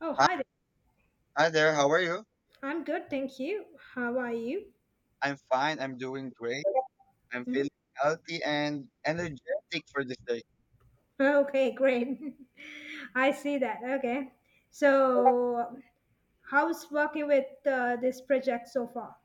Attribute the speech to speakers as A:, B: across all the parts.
A: Oh,
B: Hi,
A: hi there.
B: hi there, how are you?
A: I'm good, thank you. How are you?
B: I'm fine, I'm doing great. I'm feeling
A: Mhm.
B: healthy and energetic for this day.
A: Okay, great. I see that. Okay. So, how's working with this project so far?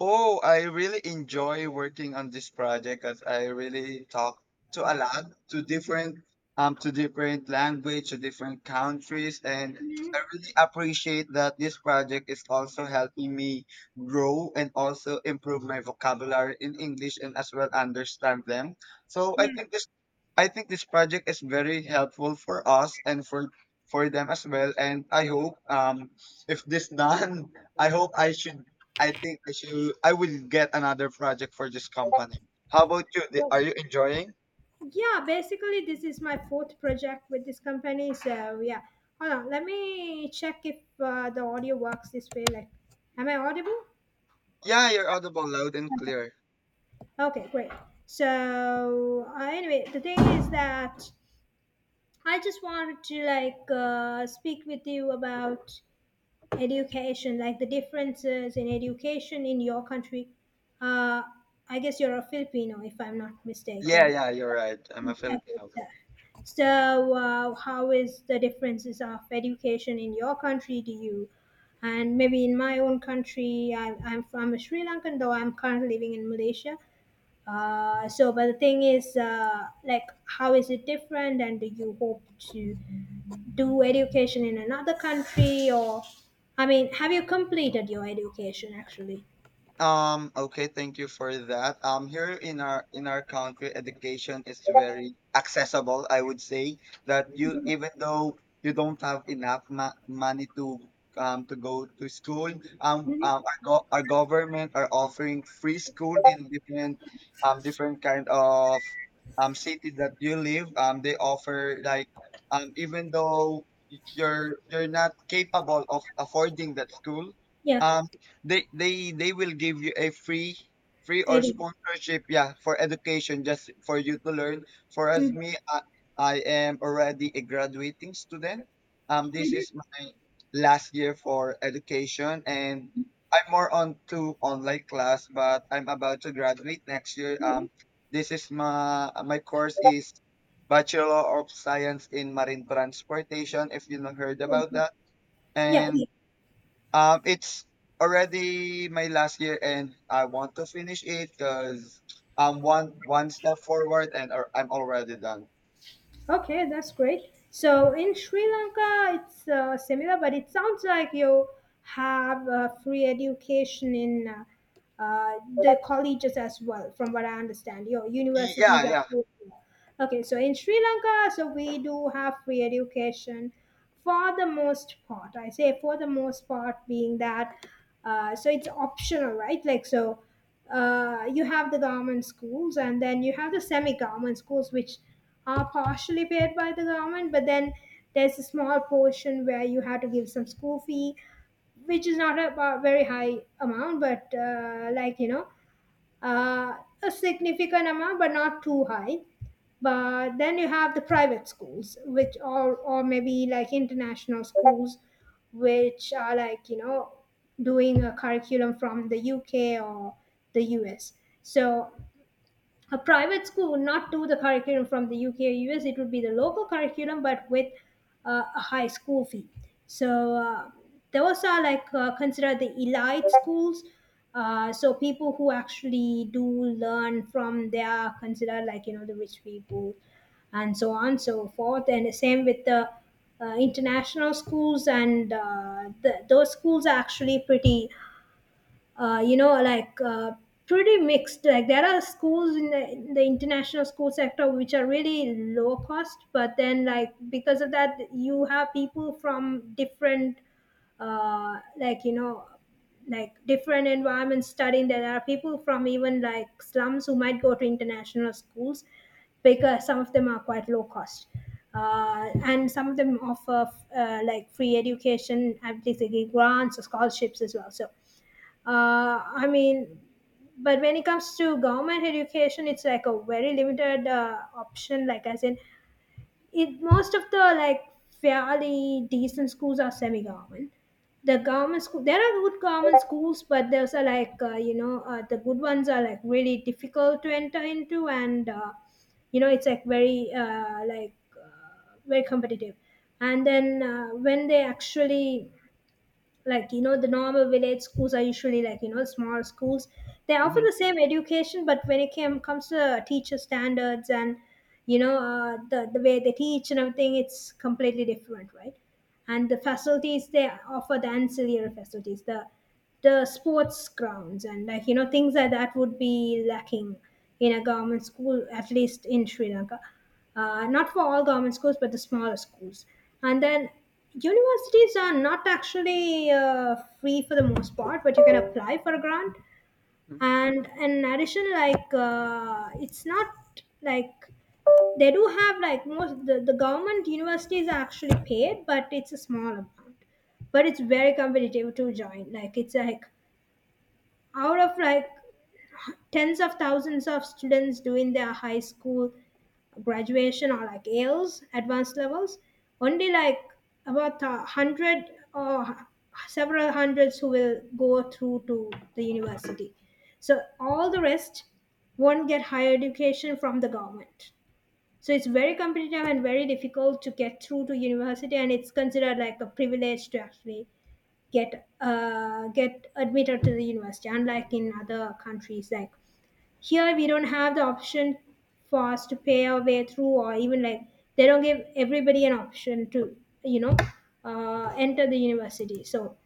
B: Oh, I really enjoy working on this project as I really talk to a lot to different language, to different countries, and I
A: Mhm.
B: really appreciate that this project is also helping me grow and also improve my vocabulary in English and as well understand them. So I
A: Yeah.
B: think this I think this project is very helpful for us and for them as well. And I hope if this done I hope I should. I think I should. I will get another project for this company. How about you? Are
A: so-
B: you enjoying?
A: yeah, basically, this is my fourth project with this company. So, yeah. Hold on. Let me check if the audio works this way. Like, am I audible?
B: Yeah, you're audible loud and clear.
A: Okay, great. So, anyway, the thing is that I just wanted to like speak with you about education, like the differences in education in your country. Uh, I guess you're a Filipino, if I'm not
B: Yeah,
A: mistaken.
B: yeah, you're right. I'm a
A: Okay,
B: Filipino.
A: so so, how is the differences of education in your country? Do you, and maybe in my own country, I'm from Sri Lankan, though I'm currently living in Malaysia. So, but the thing is, like, how is it different? And do you hope to do education in another country? Or, I mean, have you completed your education actually?
B: Okay, thank you for that. Here in our country, education is very accessible. I would say that you even though you don't have enough ma money to go to school,
A: Hmm.
B: our, go our government are offering free school in different different kind of cities that you live. They offer like even though you're not capable of affording that school.
A: Yeah.
B: um they will give you a free or
A: Edu-
B: sponsorship, yeah, for education just for you to learn for as
A: Mhm.
B: me. I am already a graduating student, this
A: Mhm.
B: is my last year for education, and I'm more on to online class, but I'm about to graduate next year.
A: Mhm.
B: This is my course is Bachelor of Science in Marine Transportation, if you not heard about
A: Mhm.
B: that.
A: Yeah,
B: And
A: yeah.
B: it's already my last year, and I want to finish it because I'm one step forward, and I'm already done.
A: Okay, that's great. So in Sri Lanka, it's similar, but it sounds like you have free education in the colleges as well, from what I understand. Your universities
B: Yeah,
A: are
B: yeah.
A: free. Okay, so in Sri Lanka, so we do have free education for the most part. I say for the most part, being that so it's optional, right? Like so, you have the government schools, and then you have the semi-government schools, which are partially paid by the government, but then there's a small portion where you have to give some school fee which is not a very high amount, but like you know, uh, a significant amount, but not too high. But then you have the private schools, which are, or maybe like international schools, which are like, you know, doing a curriculum from the UK or the US. So a private school would not do the curriculum from the UK or US. It would be the local curriculum, but with a high school fee. So those are like considered the elite schools. So people who actually do learn from there are considered like you know the rich people, and so on so forth. And the same with the international schools, and those schools are actually pretty you know, like pretty mixed. Like there are schools in the international school sector which are really low cost, but then like because of that, you have people from different, like you know, like different environments studying. There are people from even like slums who might go to international schools because some of them are quite low cost. And some of them offer like free education, at grants or scholarships as well. So I mean, but when it comes to government education, it's like a very limited option. Like as in, it most of the like fairly decent schools are semi-government. The government school, there are good government schools, but those are like you know the good ones are like really difficult to enter into, and you know it's like very competitive. And then when they actually like you know the normal village schools are usually like you know small schools. They offer
B: hmm
A: the same education but when it comes to teacher standards and you know the way they teach and everything, it's completely different, right? And the facilities they offer, the ancillary facilities, the sports grounds and like you know things like that would be lacking in a government school, at least in Sri Lanka. Not for all government schools but the smaller schools. And then universities are not actually free for the most part, but you can apply for a grant. And in addition, like it's not like, they do have like most the government universities are actually paid but it's a small amount, but it's very competitive to join. Like it's like out of like tens of thousands of students doing their high school graduation or like Ales, advanced levels. Only like about a hundred or several hundreds who will go through to the university. So all the rest won't get higher education from the government. So it's very competitive and very difficult to get through to university, and it's considered like a privilege to actually get admitted to the university, unlike in other countries. Like here we don't have the option for us to pay our way through, or even like they don't give everybody an option to you know enter the university. So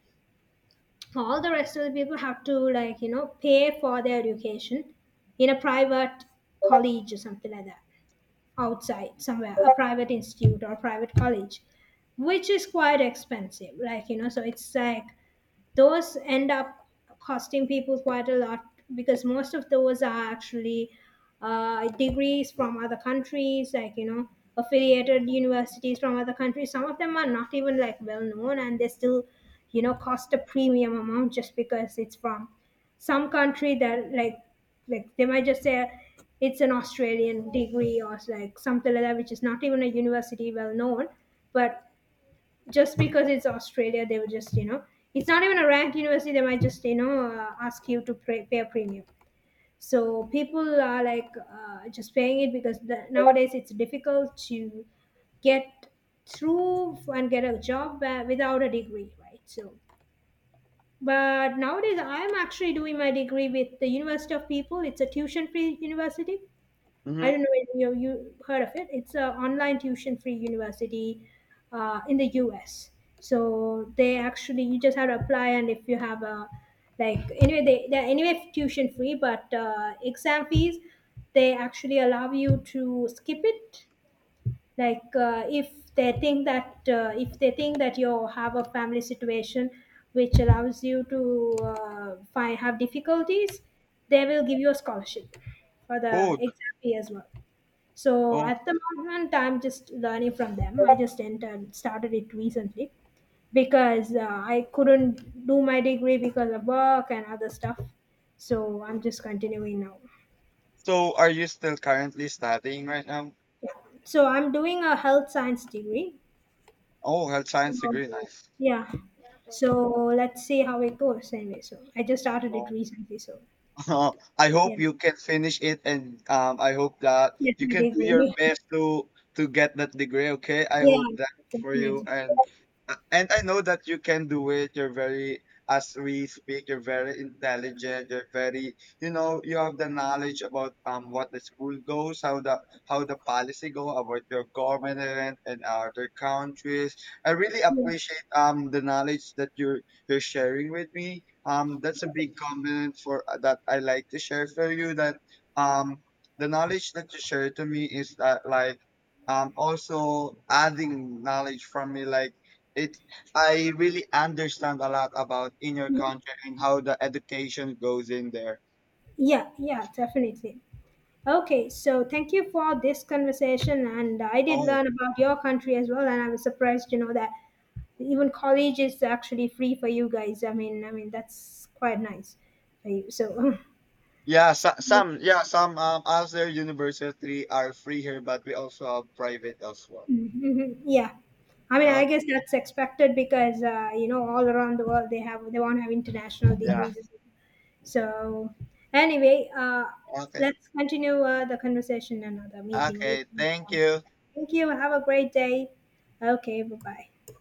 A: all the rest of the people have to like you know pay for their education in a private college or something like that, outside somewhere, a private institute or private college, which is quite expensive, like you know. So it's like those end up costing people quite a lot, because most of those are actually degrees from other countries, like, you know, affiliated universities from other countries. Some of them are not even like well known and they still, you know, cost a premium amount just because it's from some country that like they might just say it's an Australian degree or like something like that, which is not even a university well known, but just because it's Australia, they will just, you know, it's not even a ranked university. They might just, you know, ask you to pay a premium. So people are like just paying it because nowadays it's difficult to get through and get a job without a degree, right? So, but nowadays I'm actually doing my degree with the University of People. It's a tuition-free university. I
B: hmm
A: don't know if you heard of it. It's an online tuition-free university in the U.S. So they actually, you just have to apply, and if you have a like anyway they're anyway tuition-free, but exam fees they actually allow you to skip it. Like if they think that if they think that you have a family situation which allows you to find have difficulties, they will give you a scholarship for the
B: Oh, th-
A: exam fee as well. So
B: oh.
A: at the moment, I'm just learning from them. I just entered, started it recently because I couldn't do my degree because of work and other stuff. So I'm just continuing now.
B: So, are you still currently studying right now?
A: Yeah. So I'm doing a health science degree.
B: Oh, health science degree,
A: So
B: nice.
A: yeah. So let's see how it goes anyway. So I just started it
B: Oh.
A: recently. So
B: Uh, I
A: yeah,
B: hope you can finish it, and I hope that
A: yes,
B: you
A: my
B: can do your
A: degree.
B: best to get that degree. Okay, I hope
A: Yeah,
B: that for you,
A: definitely.
B: and I know that you can do it. You're very, as we speak, you're very intelligent. You're very, you know, you have the knowledge about what the school goes, how the policy go about your government and other countries. I really
A: Yeah.
B: appreciate the knowledge that you're sharing with me. That's a big compliment for that I like to share for you. That um, the knowledge that you share to me is that like also adding knowledge from me like it I really understand a lot about in your
A: Mhm.
B: country and how the education goes in there.
A: Yeah, yeah, definitely. Okay, so thank you for this conversation, and I did
B: Oh.
A: learn about your country as well, and I was surprised to know that even college is actually free for you guys. I mean that's quite nice for you. So,
B: Yeah,
A: so
B: so, some yeah, some other university are free here, but we also have private as well.
A: Mhm. Yeah, I mean, I guess
B: Okay.
A: that's expected because you know all around the world they want to have international
B: Yeah.
A: degrees. So anyway,
B: Okay.
A: let's continue the conversation in another meeting.
B: Okay. Thank you.
A: Thank you. Have a great day. Okay. Bye bye.